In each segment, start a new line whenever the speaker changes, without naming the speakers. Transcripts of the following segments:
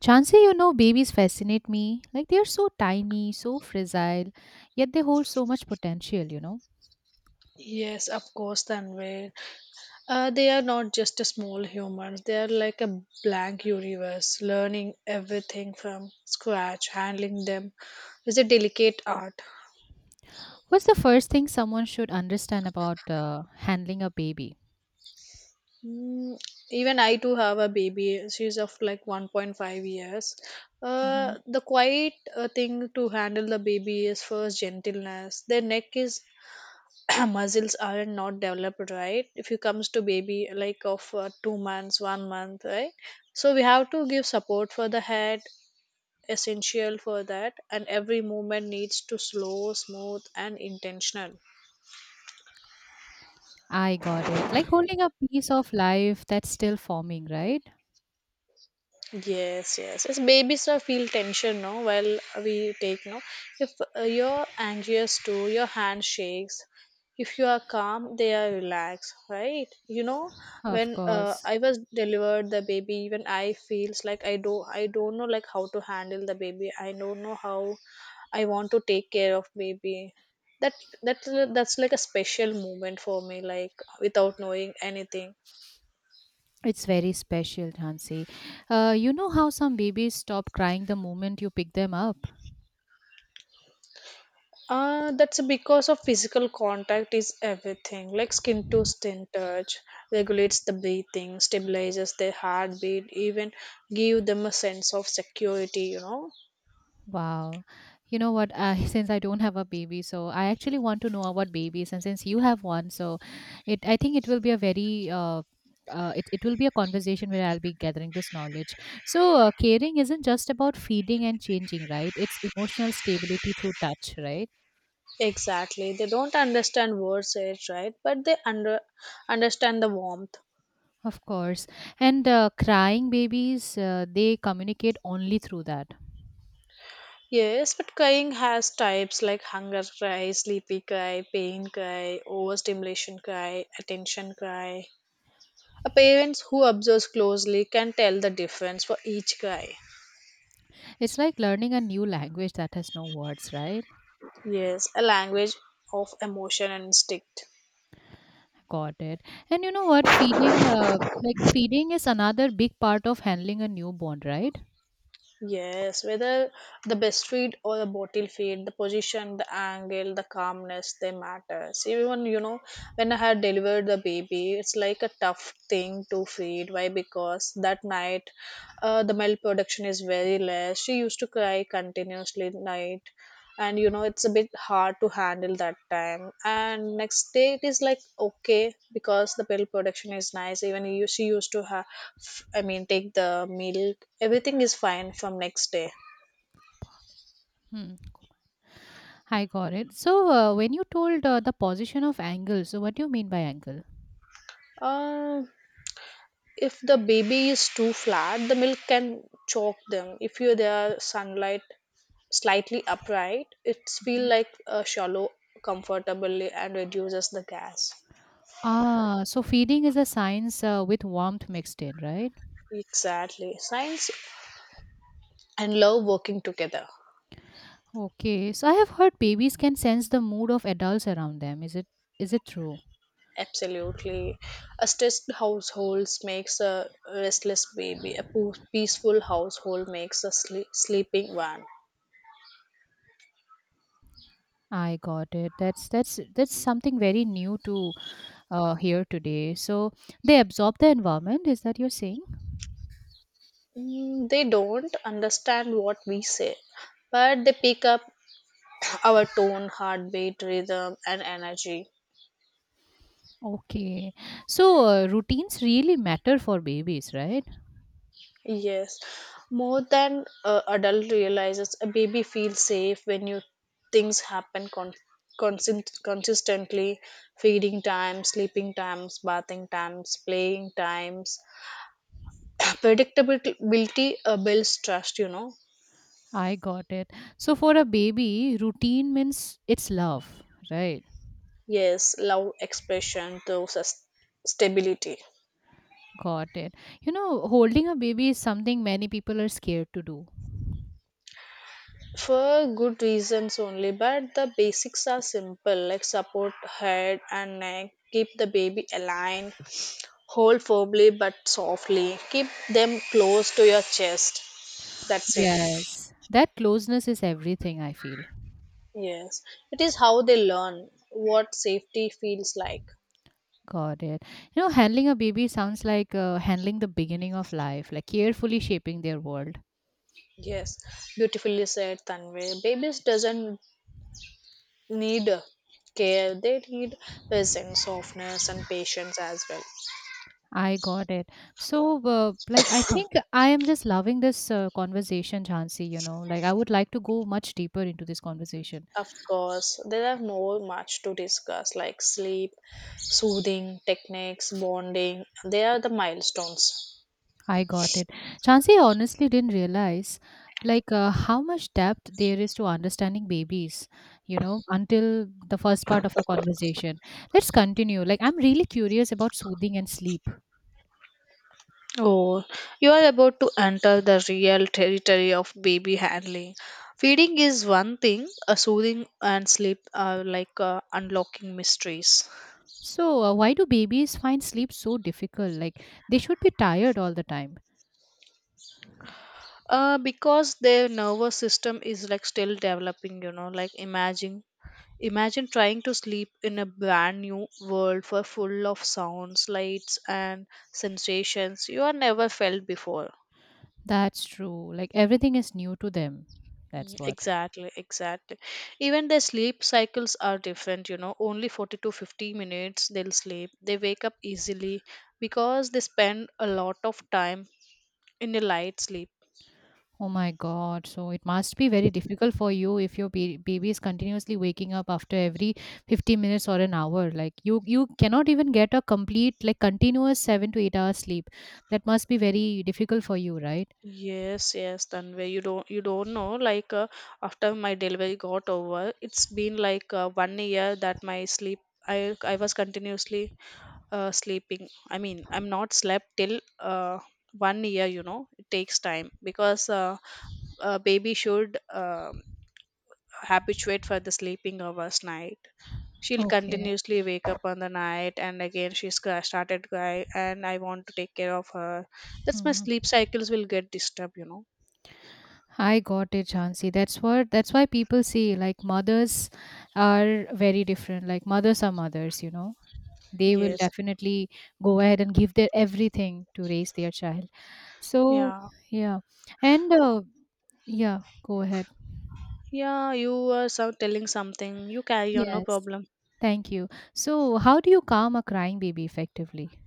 Chansey, babies fascinate me. Like they are so tiny, so fragile, yet they hold so much potential.
Yes, of course, Tanvir. They are not just a small humans. They are like a blank universe, learning everything from scratch. Handling them is a delicate art.
What's the first thing someone should understand about handling a baby?
Mm, Even I too have a baby. She's of like 1.5 years.
Hmm.
The quiet thing to handle the baby is first gentleness. Their neck is muscles are not developed, right? If you comes to baby like of 2 months 1 month, right? So we have to give support for the head, essential for that, and every movement needs to slow, smooth and intentional.
I got it. Like holding a piece of life that's still forming, right?
Yes, yes. As babies are feel tension, no, while we take, no. If you're anxious too, your hand shakes. If you are calm, they are relaxed, right? You know,
Of
when
course.
I was delivered the baby, even I feels like I do. I don't know like how to handle the baby. I don't know how I want to take care of baby. That that's that's like a special moment for me, like without knowing anything.
It's very special, Chansey. You know how some babies stop crying the moment you pick them up?
That's because of physical contact is everything. Like skin to skin touch regulates the breathing, stabilizes their heartbeat, even give them a sense of security. You know
Wow. You know what? I since I don't have a baby, so I actually want to know about babies, and since you have one, so it I think it will be a very it will be a conversation where I'll be gathering this knowledge. So, caring isn't just about feeding and changing, right? It's emotional stability through touch, right?
exactly. They don't understand words, it's right? But they understand the warmth.
Of course. And crying babies, they communicate only through that.
Yes, but crying has types like hunger cry, sleepy cry, pain cry, overstimulation cry, attention cry. A parents who observes closely can tell the difference for each cry.
It's like learning a new language that has no words, right?
Yes, a language of emotion and instinct.
Got it. And you know what? Feeding is another big part of handling a newborn, right?
Yes, whether the best feed or the bottle feed, the position, the angle, the calmness, they matters. Even you know, when I had delivered the baby, it's like a tough thing to feed. Why? Because that night, the milk production is very less. She used to cry continuously night, and you know it's a bit hard to handle that time, and next day it is like okay because the milk production is nice, even you she used to have, I mean take the milk, everything is fine from next day.
Hmm. I got it. So, when you told the position of angle, so what do you mean by angle?
uh, if the baby is too flat, the milk can choke them. If you their sunlight slightly upright, it's feel
Mhm.
like shallow comfortably and reduces the gas.
Ah, so feeding is a science with warmth mixed in, right?
Exactly science and love working together.
Okay. So I have heard babies can sense the mood of adults around them. Is it true?
Absolutely. A stressed household makes a restless baby. A peaceful household makes a sleeping one.
I got it. That's something very new to hear today. So they absorb the environment. Is that you're saying?
They don't understand what we say, but they pick up our tone, heartbeat, rhythm, and energy.
Okay. So routines really matter for babies, right?
Yes, more than adult realizes, a baby feels safe when you things happen consistently. Feeding times, sleeping times, bathing times, playing times, predictability builds trust, you know.
I got it. So for a baby, routine means it's love, right?
Yes, love expression those stability.
Got it. Holding a baby is something many people are scared to do.
For good reasons only, but the basics are simple, like support head and neck, keep the baby aligned, hold firmly but softly, keep them close to your chest. That's it.
Yes. That closeness is everything, I feel.
Yes, it is how they learn what safety feels like.
Got it. Handling a baby sounds like handling the beginning of life, like carefully shaping their world.
Yes, beautifully said, Tanvi. Babies doesn't need care, they need presence, softness and patience as well.
I got it. So, like, I think I am just loving this conversation, Chansi. Like, I would like to go much deeper into this conversation.
Of course there are more much to discuss, like sleep, soothing techniques, bonding, they are the milestones.
I got it. Chansi. I honestly didn't realize, like, how much depth there is to understanding babies, until the first part of our conversation. Let's continue. Like, I'm really curious about soothing and sleep.
Oh, you are about to enter the real territory of baby handling. Feeding is one thing, soothing and sleep are like unlocking mysteries.
So, why do babies find sleep so difficult? Like, they should be tired all the time.
Because their nervous system is like still developing, you know, like Imagine trying to sleep in a brand new world for full of sounds, lights, and sensations you have never felt before.
That's true. Like everything is new to them. That's what.
Exactly, exactly. Even their sleep cycles are different, you know. Only 40 to 50 minutes they'll sleep. They wake up easily because they spend a lot of time in a light sleep.
Oh my God. So it must be very difficult for you if your baby is continuously waking up after every 50 minutes or an hour. Like you cannot even get a complete like continuous 7 to 8 hours sleep. That must be very difficult for you, right?
Yes, yes, Tanvay. You don't know. Like after my delivery got over, it's been like 1 year that my sleep. I was continuously sleeping. I mean, I'm not slept till 1 year. You know, it takes time because baby should habituate for the sleeping hours night. She'll
Okay.
continuously wake up on the night, and again she's started cry, and I want to take care of her. That's my
Hmm.
sleep cycles will get disturbed. You know.
I got it, Jansi. That's why people say like mothers are very different. Like mothers are mothers. They will
Yes.
definitely go ahead and give their everything to raise their child, so
Yeah.
yeah. And yeah, go ahead.
Yeah, you are so telling something. You carry on, no
Yes,
problem.
thank you. So how do you calm a crying baby effectively?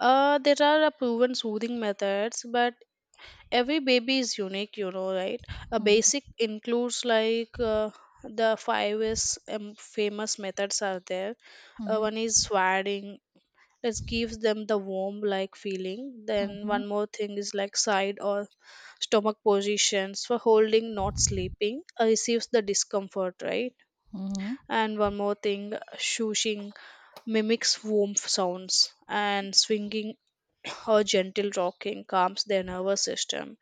There are a proven soothing methods, but every baby is unique, you know, right? A
Mm-hmm,
basic includes like the five is famous methods are there.
mm-hmm,
One is swaddling. It gives them the warm like feeling. Then
mm-hmm.
one more thing is like side or stomach positions for holding, not sleeping. Receives the discomfort, right?
Mm-hmm.
And one more thing, shushing mimics womb sounds, and swinging or gentle rocking calms their nervous system,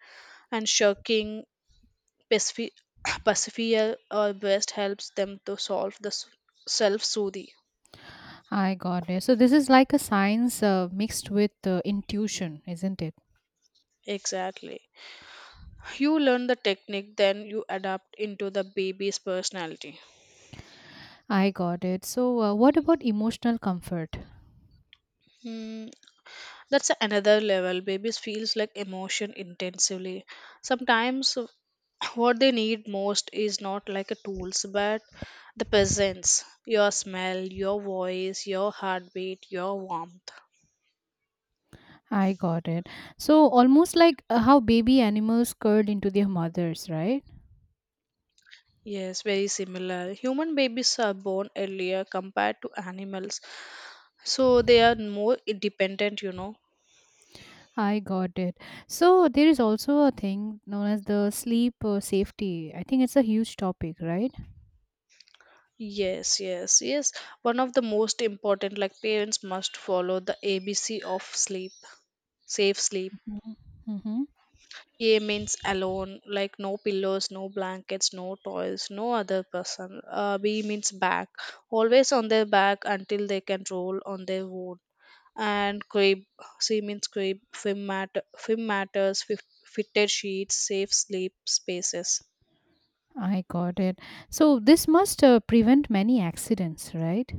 and shirking pacifi- pacifier or breast helps them to solve the self soothing.
I got it. So this is like a science mixed with intuition, isn't it?
Exactly. You learn the technique, then you adapt into the baby's personality.
I got it. So what about emotional comfort?
Hmm, that's another level. Babies feels like emotion intensively. Sometimes what they need most is not like a tools but the presence, your smell, your voice, your heartbeat, your warmth.
I got it. So almost like how baby animals curl into their mothers, right?
Yes, very similar. Human babies are born earlier compared to animals, so they are more independent, you know.
I got it. So there is also a thing known as the sleep safety. I think it's a huge topic, right?
Yes, yes, yes, one of the most important, like parents must follow the ABC of sleep, safe sleep.
Mm-hmm. Hmm.
A means alone, like no pillows, no blankets, no toys, no other person. B means back, always on their back until they can roll on their own. And crib, C means crib, film, matter, film matters, fitted sheets, safe sleep spaces.
I got it. So this must prevent many accidents, right?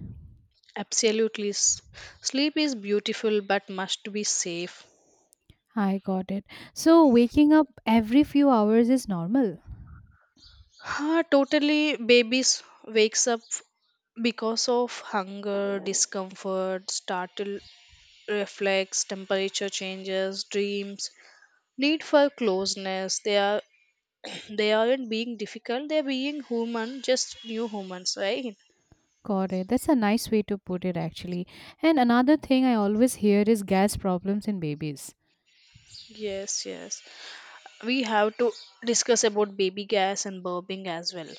Absolutely. Sleep is beautiful but must be safe.
I got it. So waking up every few hours is normal.
Ah, totally, babies wakes up because of hunger, discomfort, startle, reflex, temperature changes, dreams, need for closeness. They are they aren't being difficult, they're being human, just new humans, right?
Got it. That's a nice way to put it, actually. And another thing I always hear is gas problems in babies.
Yes, yes, we have to discuss about baby gas and burping as well.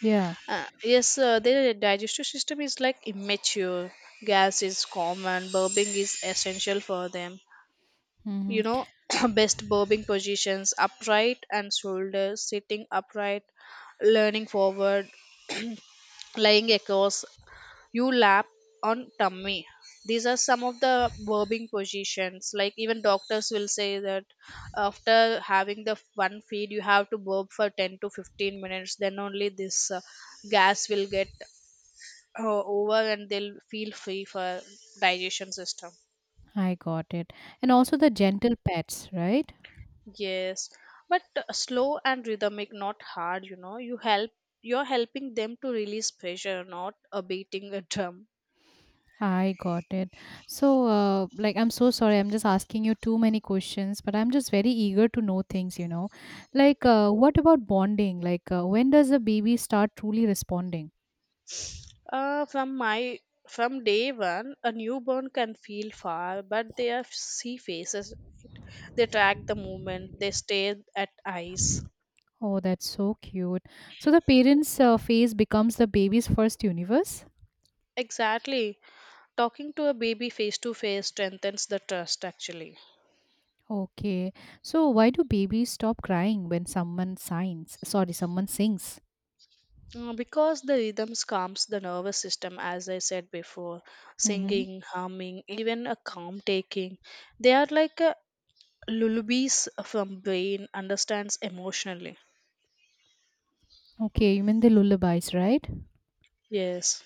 Yeah.
Yes, their digestive system is like immature. Gas is common, burping is essential for them,
Hmm.
you know. Best burping positions, upright and shoulders, sitting upright, leaning forward, lying across you lap, on tummy. These are some of the verbing positions, like even doctors will say that after having the one feed, you have to burp for 10 to 15 minutes, then only this gas will get over and they'll feel free for digestion system.
I got it. And also the gentle pets, right?
Yes, but slow and rhythmic, not hard, you know. You help, you're helping them to release pressure, not beating a drum.
I got it. So, like, I'm so sorry. I'm just asking you too many questions, but I'm just very eager to know things. Like, what about bonding? Like, when does a baby start truly responding?
From my from day one, a newborn can feel far, but their see faces. They track the movement. They stare at eyes.
Oh, that's so cute. So, the parents' face becomes the baby's first universe?
Exactly. Talking to a baby face to face strengthens the trust actually.
Okay. So, why do babies stop crying when someone signs? Sorry, someone sings.
Because the rhythms calms the nervous system, as I said before,
Mm-hmm.
singing, humming, even a calm taking, they are like a lullabies from brain understands emotionally.
Okay, you mean the lullabies, right?
Yes.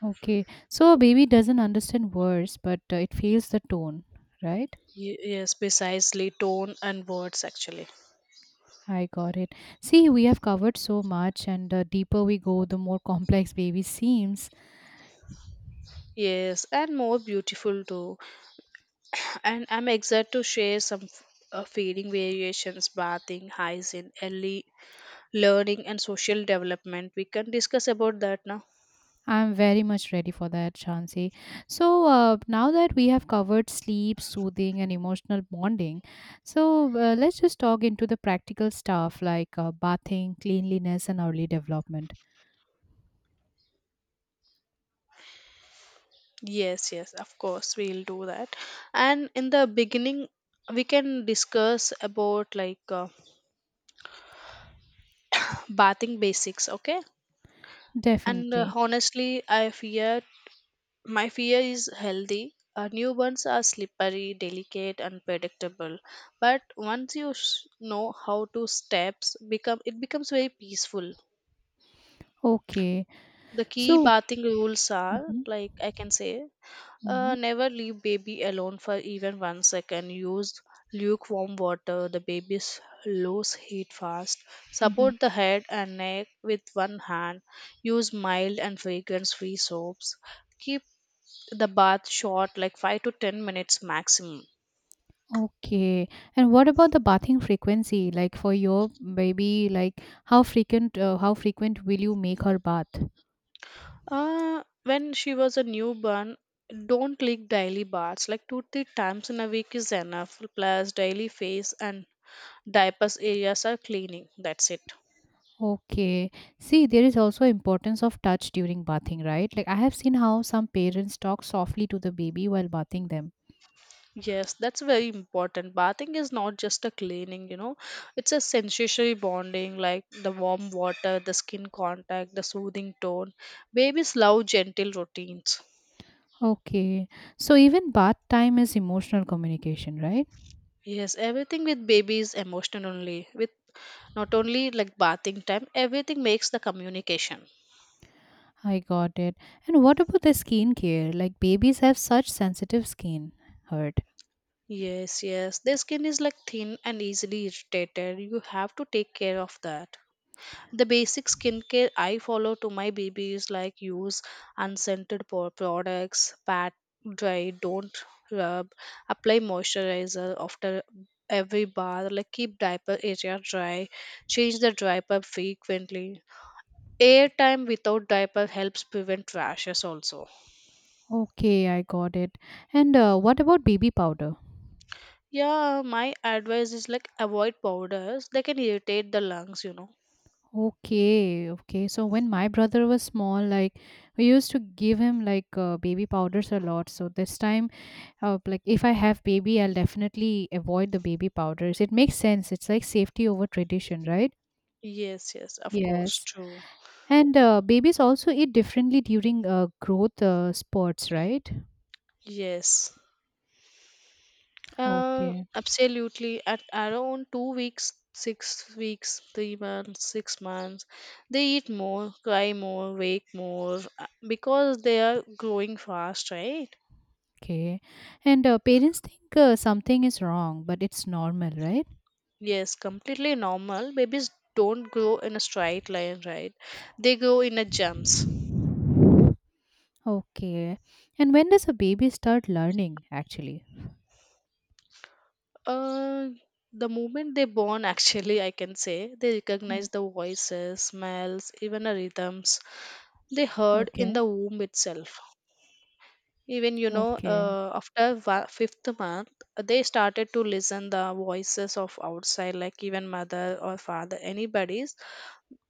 Okay, so a baby doesn't understand words, but it feels the tone, right?
Yes, precisely tone and words actually.
I got it. See, we have covered so much, and the deeper we go, the more complex baby seems.
Yes, and more beautiful too. And I'm excited to share some feeding variations, bathing, hygiene, early learning, and social development. We can discuss about that now.
I'm very much ready for that, Shansi. So now that we have covered sleep, soothing, and emotional bonding, so let's just talk into the practical stuff like bathing, cleanliness, and early development.
Yes, yes, of course, we'll do that. And in the beginning, we can discuss about like bathing basics, okay? And
Definitely.
honestly, I fear my fear is healthy. Newborns are slippery, delicate, and predictable. But once you know how to steps, become it becomes very peaceful.
Okay.
The key
So.
bathing rules are
Mm-hmm,
like I can say,
mm-hmm,
never leave baby alone for even 1 second. Use lukewarm water. The baby's lose heat fast.
mm-hmm.
Support the head and neck with one hand. Use mild and fragrance-free soaps. Keep the bath shot like 5 to 10 minutes maximum.
Okay. And what about the bathing frequency? Like for your baby, like how frequent will you make her bath?
When she was a newborn, don't take daily baths, like 2 3 times in a week is enough, plus daily face and diapers areas are cleaning, that's it.
Okay. See, there is also importance of touch during bathing, right? Like I have seen how some parents talk softly to the baby while bathing them.
Yes, that's very important. Bathing is not just a cleaning, you know, it's a sensory bonding, like the warm water, the skin contact, the soothing tone, babies love gentle routines.
Okay. So even bath time is emotional communication, right?
Yes, everything with baby is emotional only. With not only like bathing time, everything makes the communication.
I got it. And what about the skin care? Like babies have such sensitive skin. Heard.
Yes, yes. Their skin is like thin and easily irritated. You have to take care of that. The basic skincare I follow to my baby is like use unscented products, pat dry, don't rub, apply moisturizer after every bath, like keep diaper area dry, change the diaper frequently. Airtime without diaper helps prevent rashes also.
Okay, I got it. And what about baby powder?
Yeah, my advice is like avoid powders. They can irritate the lungs, you know.
Okay, okay. So when my brother was small, like we used to give him like baby powders a lot. So this time, like if I have baby, I'll definitely avoid the baby powders. It makes sense. It's like safety over tradition, right?
Yes, yes, of course,
Yes.
true.
And babies also eat differently during growth spurts, right?
Yes.
Okay.
Absolutely. At around 2 weeks, 6 weeks, 3 months, 6 months, they eat more, cry more, wake more because they are growing fast, right?
Okay. And parents think something is wrong, but it's normal, right?
Yes, completely normal. Babies don't grow in a straight line, right? They grow in a jumps.
Okay. And when does a baby start learning, actually?
Uh, the moment they born, actually, I can say they recognize
Mm.
the voices, smells, even the rhythms they heard in
Okay.
the womb itself.
Okay.
After fifth month, they started to listen the voices of outside, like even mother or father, anybody's.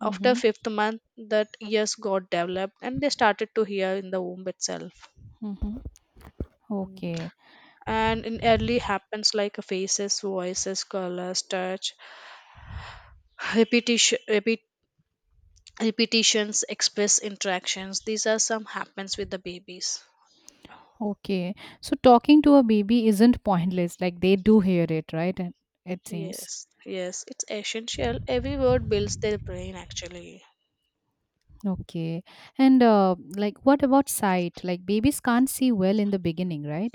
After
Mm-hmm.
fifth month, that ears got developed, and they started to hear in the womb itself.
Mm-hmm.
Hmm.
Okay.
And in early happens like faces, voices, colors, touch, repetition repeat, repetitions, express, interactions, these are some happens with the babies.
Okay. So talking to a baby isn't pointless. Like they do hear it, right? And it seems.
Yes, yes, it's essential, every word builds their brain actually.
Okay. And like, what about sight? Like, babies can't see well in the beginning, right?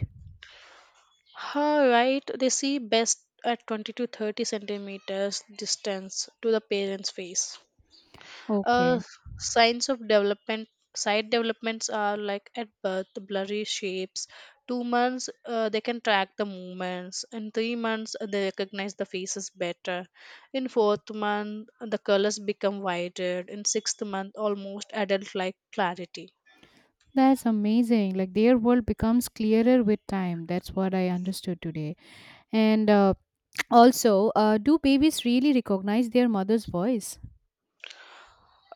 Her right, they see best at 20 to 30 centimeters distance to the parent's face. Uh,
Okay.
Signs of development, side developments are like at birth blurry shapes, 2 months they can track the movements, in 3 months they recognize the faces better, in fourth month the colors become wider, in sixth month almost adult like clarity.
That's amazing. Like, their world becomes clearer with time. That's what I understood today. And also, do babies really recognize their mother's voice?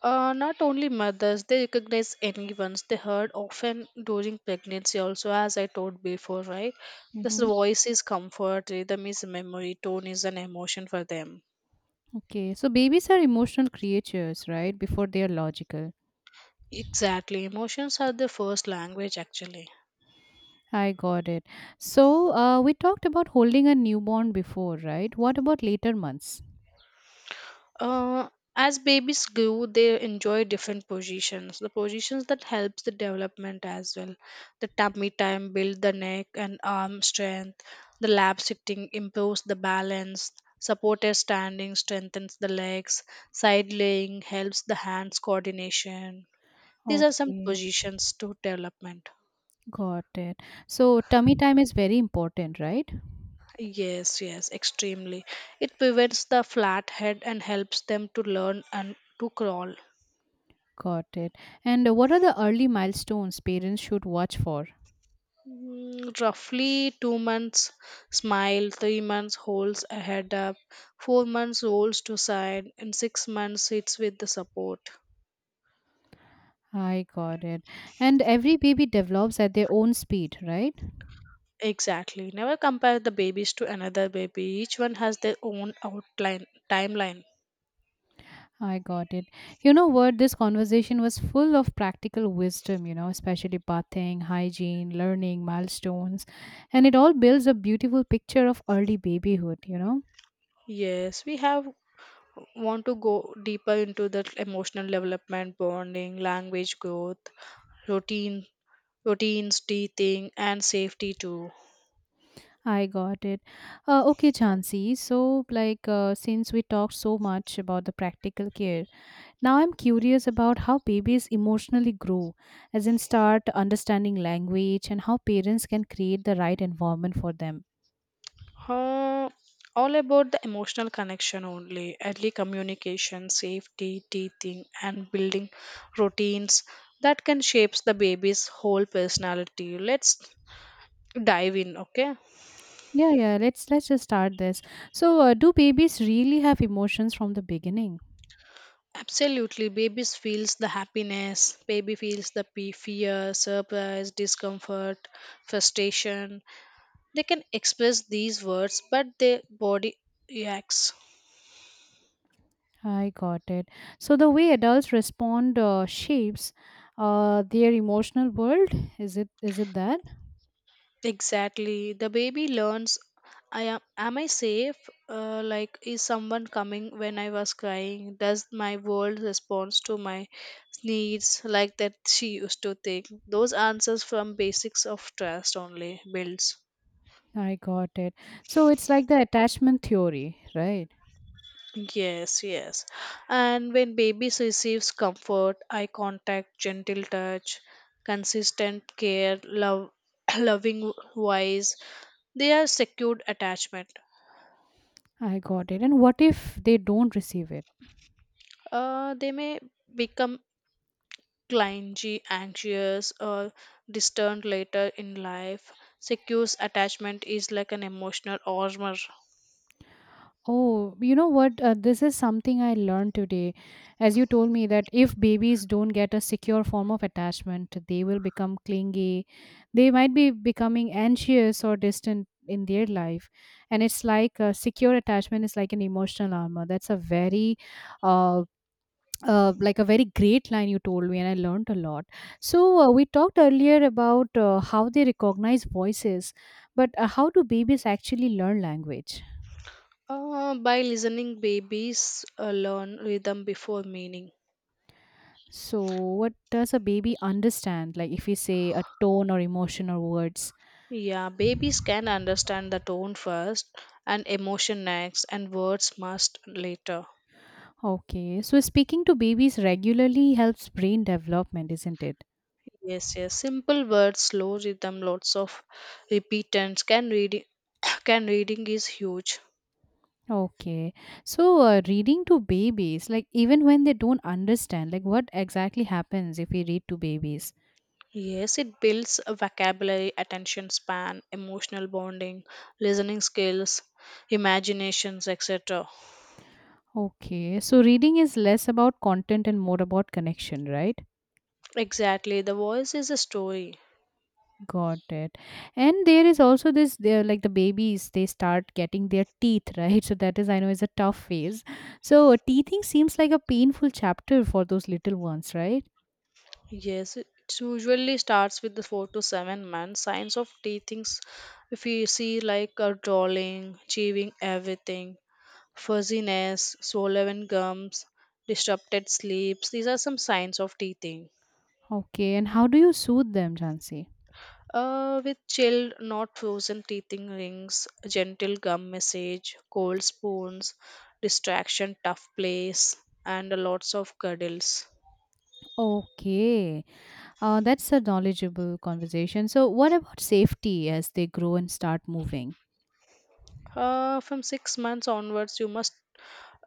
Not only mothers, they recognize anyone's they heard often during pregnancy also, as I told before, right? This
Mm-hmm.
voice is comfort, rhythm is memory, tone is an emotion for them.
Okay. So, babies are emotional creatures, right? Before they are logical.
Exactly. Emotions are their first language, actually.
I got it. So, we talked about holding a newborn before, right? What about later months?
Uh, as babies grow, they enjoy different positions. The positions that helps the development as well. The tummy time build the neck and arm strength. The lap sitting improves the balance. Supported standing strengthens the legs. Side laying helps the hands coordination. These are some
Okay.
positions to development.
Got it. So tummy time is very important, right?
Yes, yes, extremely. It prevents the flathead and helps them to learn and to crawl.
Got it. And what are the early milestones parents should watch for?
Mm, roughly 2 months smile, 3 months holds a head up, 4 months rolls to side, and 6 months sits with the support.
I got it. And every baby develops at their own speed, right?
Exactly. Never compare the babies to another baby. Each one has their own outline timeline.
I got it. You know what? This conversation was full of practical wisdom, especially bathing, hygiene, learning, milestones. And it all builds a beautiful picture of early babyhood, you know?
Yes, we have want to go deeper into the emotional development, bonding, language growth, routine routines, teething, and safety too.
I got it. Okay, Chansey. So, like, since we talked so much about the practical care, now I'm curious about how babies emotionally grow, as in start understanding language and how parents can create the right environment for them.
Uh, all about the emotional connection only, early communication, safety, teething, and building routines that can shapes the baby's whole personality. Let's dive in, okay?
Yeah, yeah. Let's just start this. So, do babies really have emotions from the beginning?
Absolutely, babies feels the happiness. Baby feels the fear, surprise, discomfort, frustration. They can express these words, but their body reacts.
I got it. So the way adults respond shapes their emotional world. Is it that?
Exactly. The baby learns, I am I safe? Like is someone coming when I was crying? Does my world respond to my needs, like that she used to think? Those answers from basics of trust only builds.
I got it. So it's like the attachment theory, right?
Yes, yes. And when babies receives comfort, eye contact, gentle touch, consistent care, love, loving voice, they are secured attachment.
I got it. And what if they don't receive it?
They may become clingy, anxious, or distant later in life. Secure attachment is like an emotional armor.
Oh, you know what? This is something I learned today. As you told me that if babies don't get a secure form of attachment, they will become clingy. They might be becoming anxious or distant in their life. And it's like a secure attachment is like an emotional armor. That's a very uh, like a very great line you told me, and I learned a lot. So, we talked earlier about how they recognize voices, but how do babies actually learn language?
By listening, babies learn rhythm before meaning.
So, what does a baby understand? Like, if we say a tone or emotion or words.
Yeah, babies can understand the tone first, and emotion next, and words must later.
Okay, so speaking to babies regularly helps brain development, isn't it?
Yes, yes. Simple words, slow rhythm, lots of repetance. Can reading is huge.
Okay, so reading to babies, like even when they don't understand, like what exactly happens if we read to babies?
Yes, it builds a vocabulary, attention span, emotional bonding, listening skills, imaginations, etc.
Okay, so reading is less about content and more about connection, right?
Exactly, the voice is a story.
Got it. And there is also this, they're like the babies, they start getting their teeth, right? So that is, I know, is a tough phase. So teething seems like a painful chapter for those little ones, right?
Yes, it usually starts with the 4 to 7 months. Signs of teething, if you see like a drawing, chewing everything, fuzziness, swollen gums, disrupted sleeps, these are some signs of teething.
Okay, and how do you soothe them, Jansi?
With chilled, not frozen teething rings, gentle gum massage, cold spoons, distraction, tough place, and lots of cuddles.
Okay, that's a knowledgeable conversation. So, what about safety as they grow and start moving?
From 6 months onwards, you must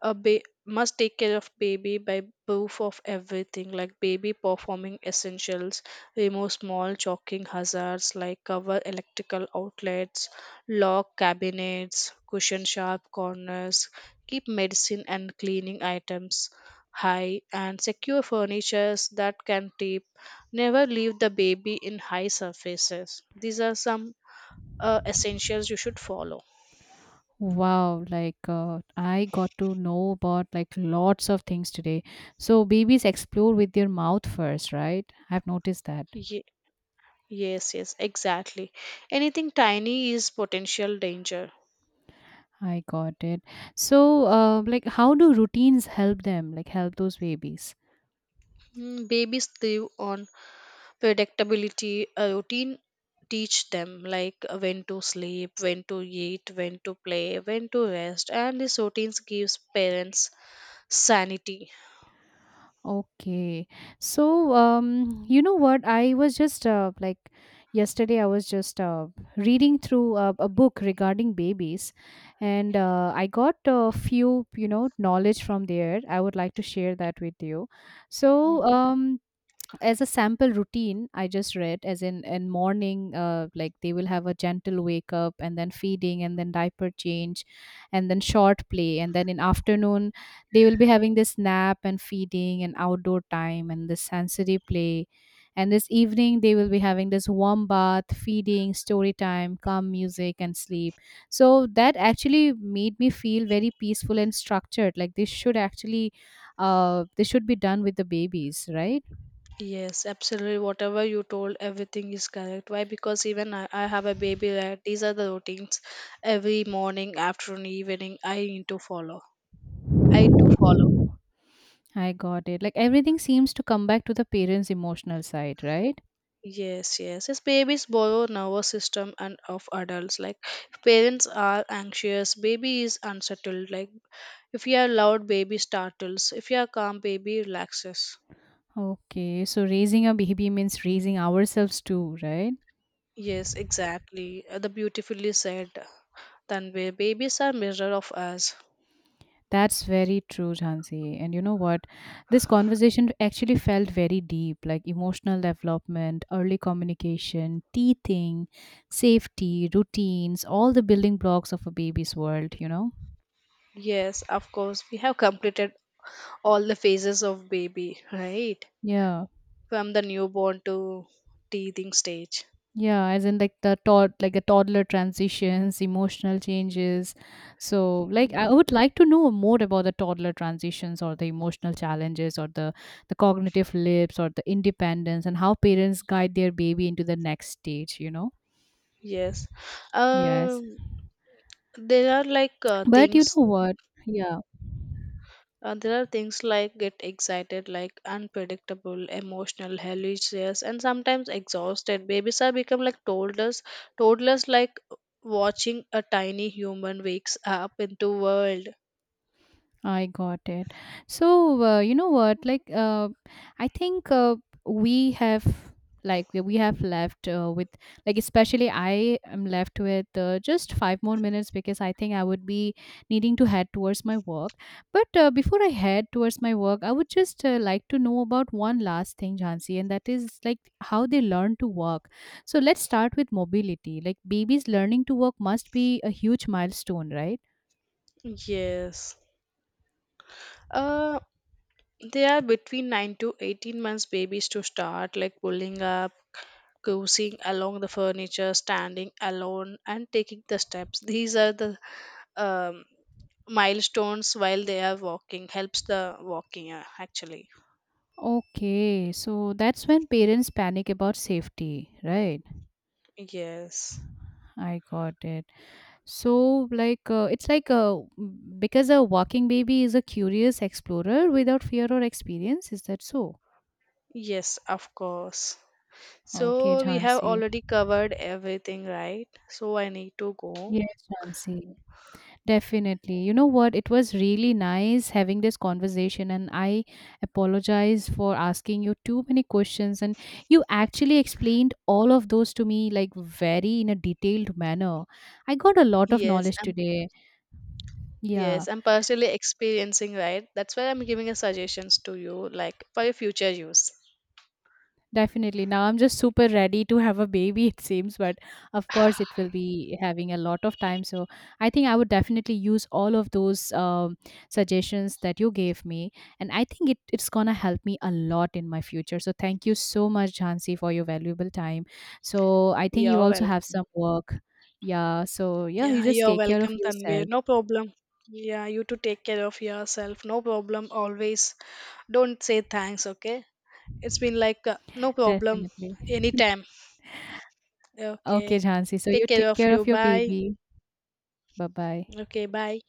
must take care of baby by proof of everything, like baby performing essentials, remove small choking hazards, like cover electrical outlets, lock cabinets, cushion sharp corners, keep medicine and cleaning items high and secure, furnitures that can tip, never leave the baby in high surfaces. These are some essentials you should follow.
Wow, like I got to know about like lots of things today. So babies explore with their mouth first, right? I've noticed that.
Yes, yes, exactly. Anything tiny is potential danger.
I got it. So like how do routines help them? Like help those babies?
Mm, babies live on predictability. A routine teach them like when to sleep, when to eat, when to play, when to rest, and these routines gives parents sanity.
Okay. So, you know what? I was just like yesterday, I was just reading through a book regarding babies, and I got a few, knowledge from there. I would like to share that with you. So,
Mhm.
as a sample routine, I just read, as in morning like they will have a gentle wake up, and then feeding, and then diaper change, and then short play. And then in afternoon, they will be having this nap and feeding and outdoor time and this sensory play. And this evening, they will be having this warm bath, feeding, story time, calm music, and sleep. So that actually made me feel very peaceful and structured, like this should be done with the babies, right?
Yes, absolutely. Whatever you told, everything is correct. Why? Because even I have a baby, right? These are the routines every morning, afternoon, evening I need to follow. I do follow.
I got it. Like everything seems to come back to the parents' emotional side, right?
Yes, yes. Yes, babies borrow nervous system and of adults. Like if parents are anxious, baby is unsettled. Like if you are loud, baby startles. If you are calm, baby relaxes.
Okay, so raising a baby means raising ourselves too, right?
Yes, exactly. The beautifully said. Tanvir, babies are mirror of us.
That's very true, Jhansi. And you know what? This conversation actually felt very deep, like emotional development, early communication, teething, safety, routines, all the building blocks of a baby's world, you know?
Yes, of course. We have completed all the phases of baby, right?
Yeah.
From the newborn to teething stage.
Yeah, as in like the toddler transitions, emotional changes. So, like I would like to know more about the toddler transitions or the emotional challenges or the cognitive lips or the independence and how parents guide their baby into the next stage, you know?
Yes.
Yes.
Um, there are like uh,
But you
things
know what? Yeah.
There are things like get excited, like unpredictable, emotional, hilarious, and sometimes exhausted. Babies are become like toddlers. Toddlers like watching a tiny human wakes up into world.
I got it. So, you know what? Like, I think we have, like, we have left with, like, especially I am left with just 5 more minutes because I think I would be needing to head towards my work. But before I head towards my work, I would just like to know about one last thing, Jhansi, and that is, like, how they learn to walk. So, let's start with mobility. Like, babies learning to walk must be a huge milestone, right?
Yes. Uh, they are between 9 to 18 months babies to start like pulling up, cruising along the furniture, standing alone, and taking the steps. These are the um, milestones while they are walking helps the walking actually.
Okay, so that's when parents panic about safety, right?
Yes,
I got it. So, like, it's like because a walking baby is a curious explorer without fear or experience. Is that so?
yes, of course.
Okay,
So we have
Jhansi.
already covered everything, right? So I need to go.
Yes, Jhansi. Definitely. You know what? It was really nice having this conversation, and I apologize for asking you too many questions. And you actually explained all of those to me, like, very in a detailed manner. I got a lot of
yes
knowledge
i'm
today. Yeah.
yes, I'm personally experiencing, right? That's why I'm giving a suggestions to you, like for your future use.
Definitely. Now I'm just super ready to have a baby, it seems, but of course it will be having a lot of time. So I think I would definitely use all of those suggestions that you gave me. And I think it's going to help me a lot in my future. So thank you so much, Jhansi, for your valuable time. So I think you
You're
also have
welcome.
some work. Yeah. So yeah, you
Yeah,
just
you're
take care
welcome,
of
Tanvir,
yourself.
no problem. Yeah, you to take care of yourself, no problem, always. Don't say thanks, okay? It's been like no problem.
Definitely.
Anytime.
Okay,
Okay.
Jhansi. So you
Take care
take
of
care
you.
of your
Bye.
baby. Bye bye.
Okay. Bye.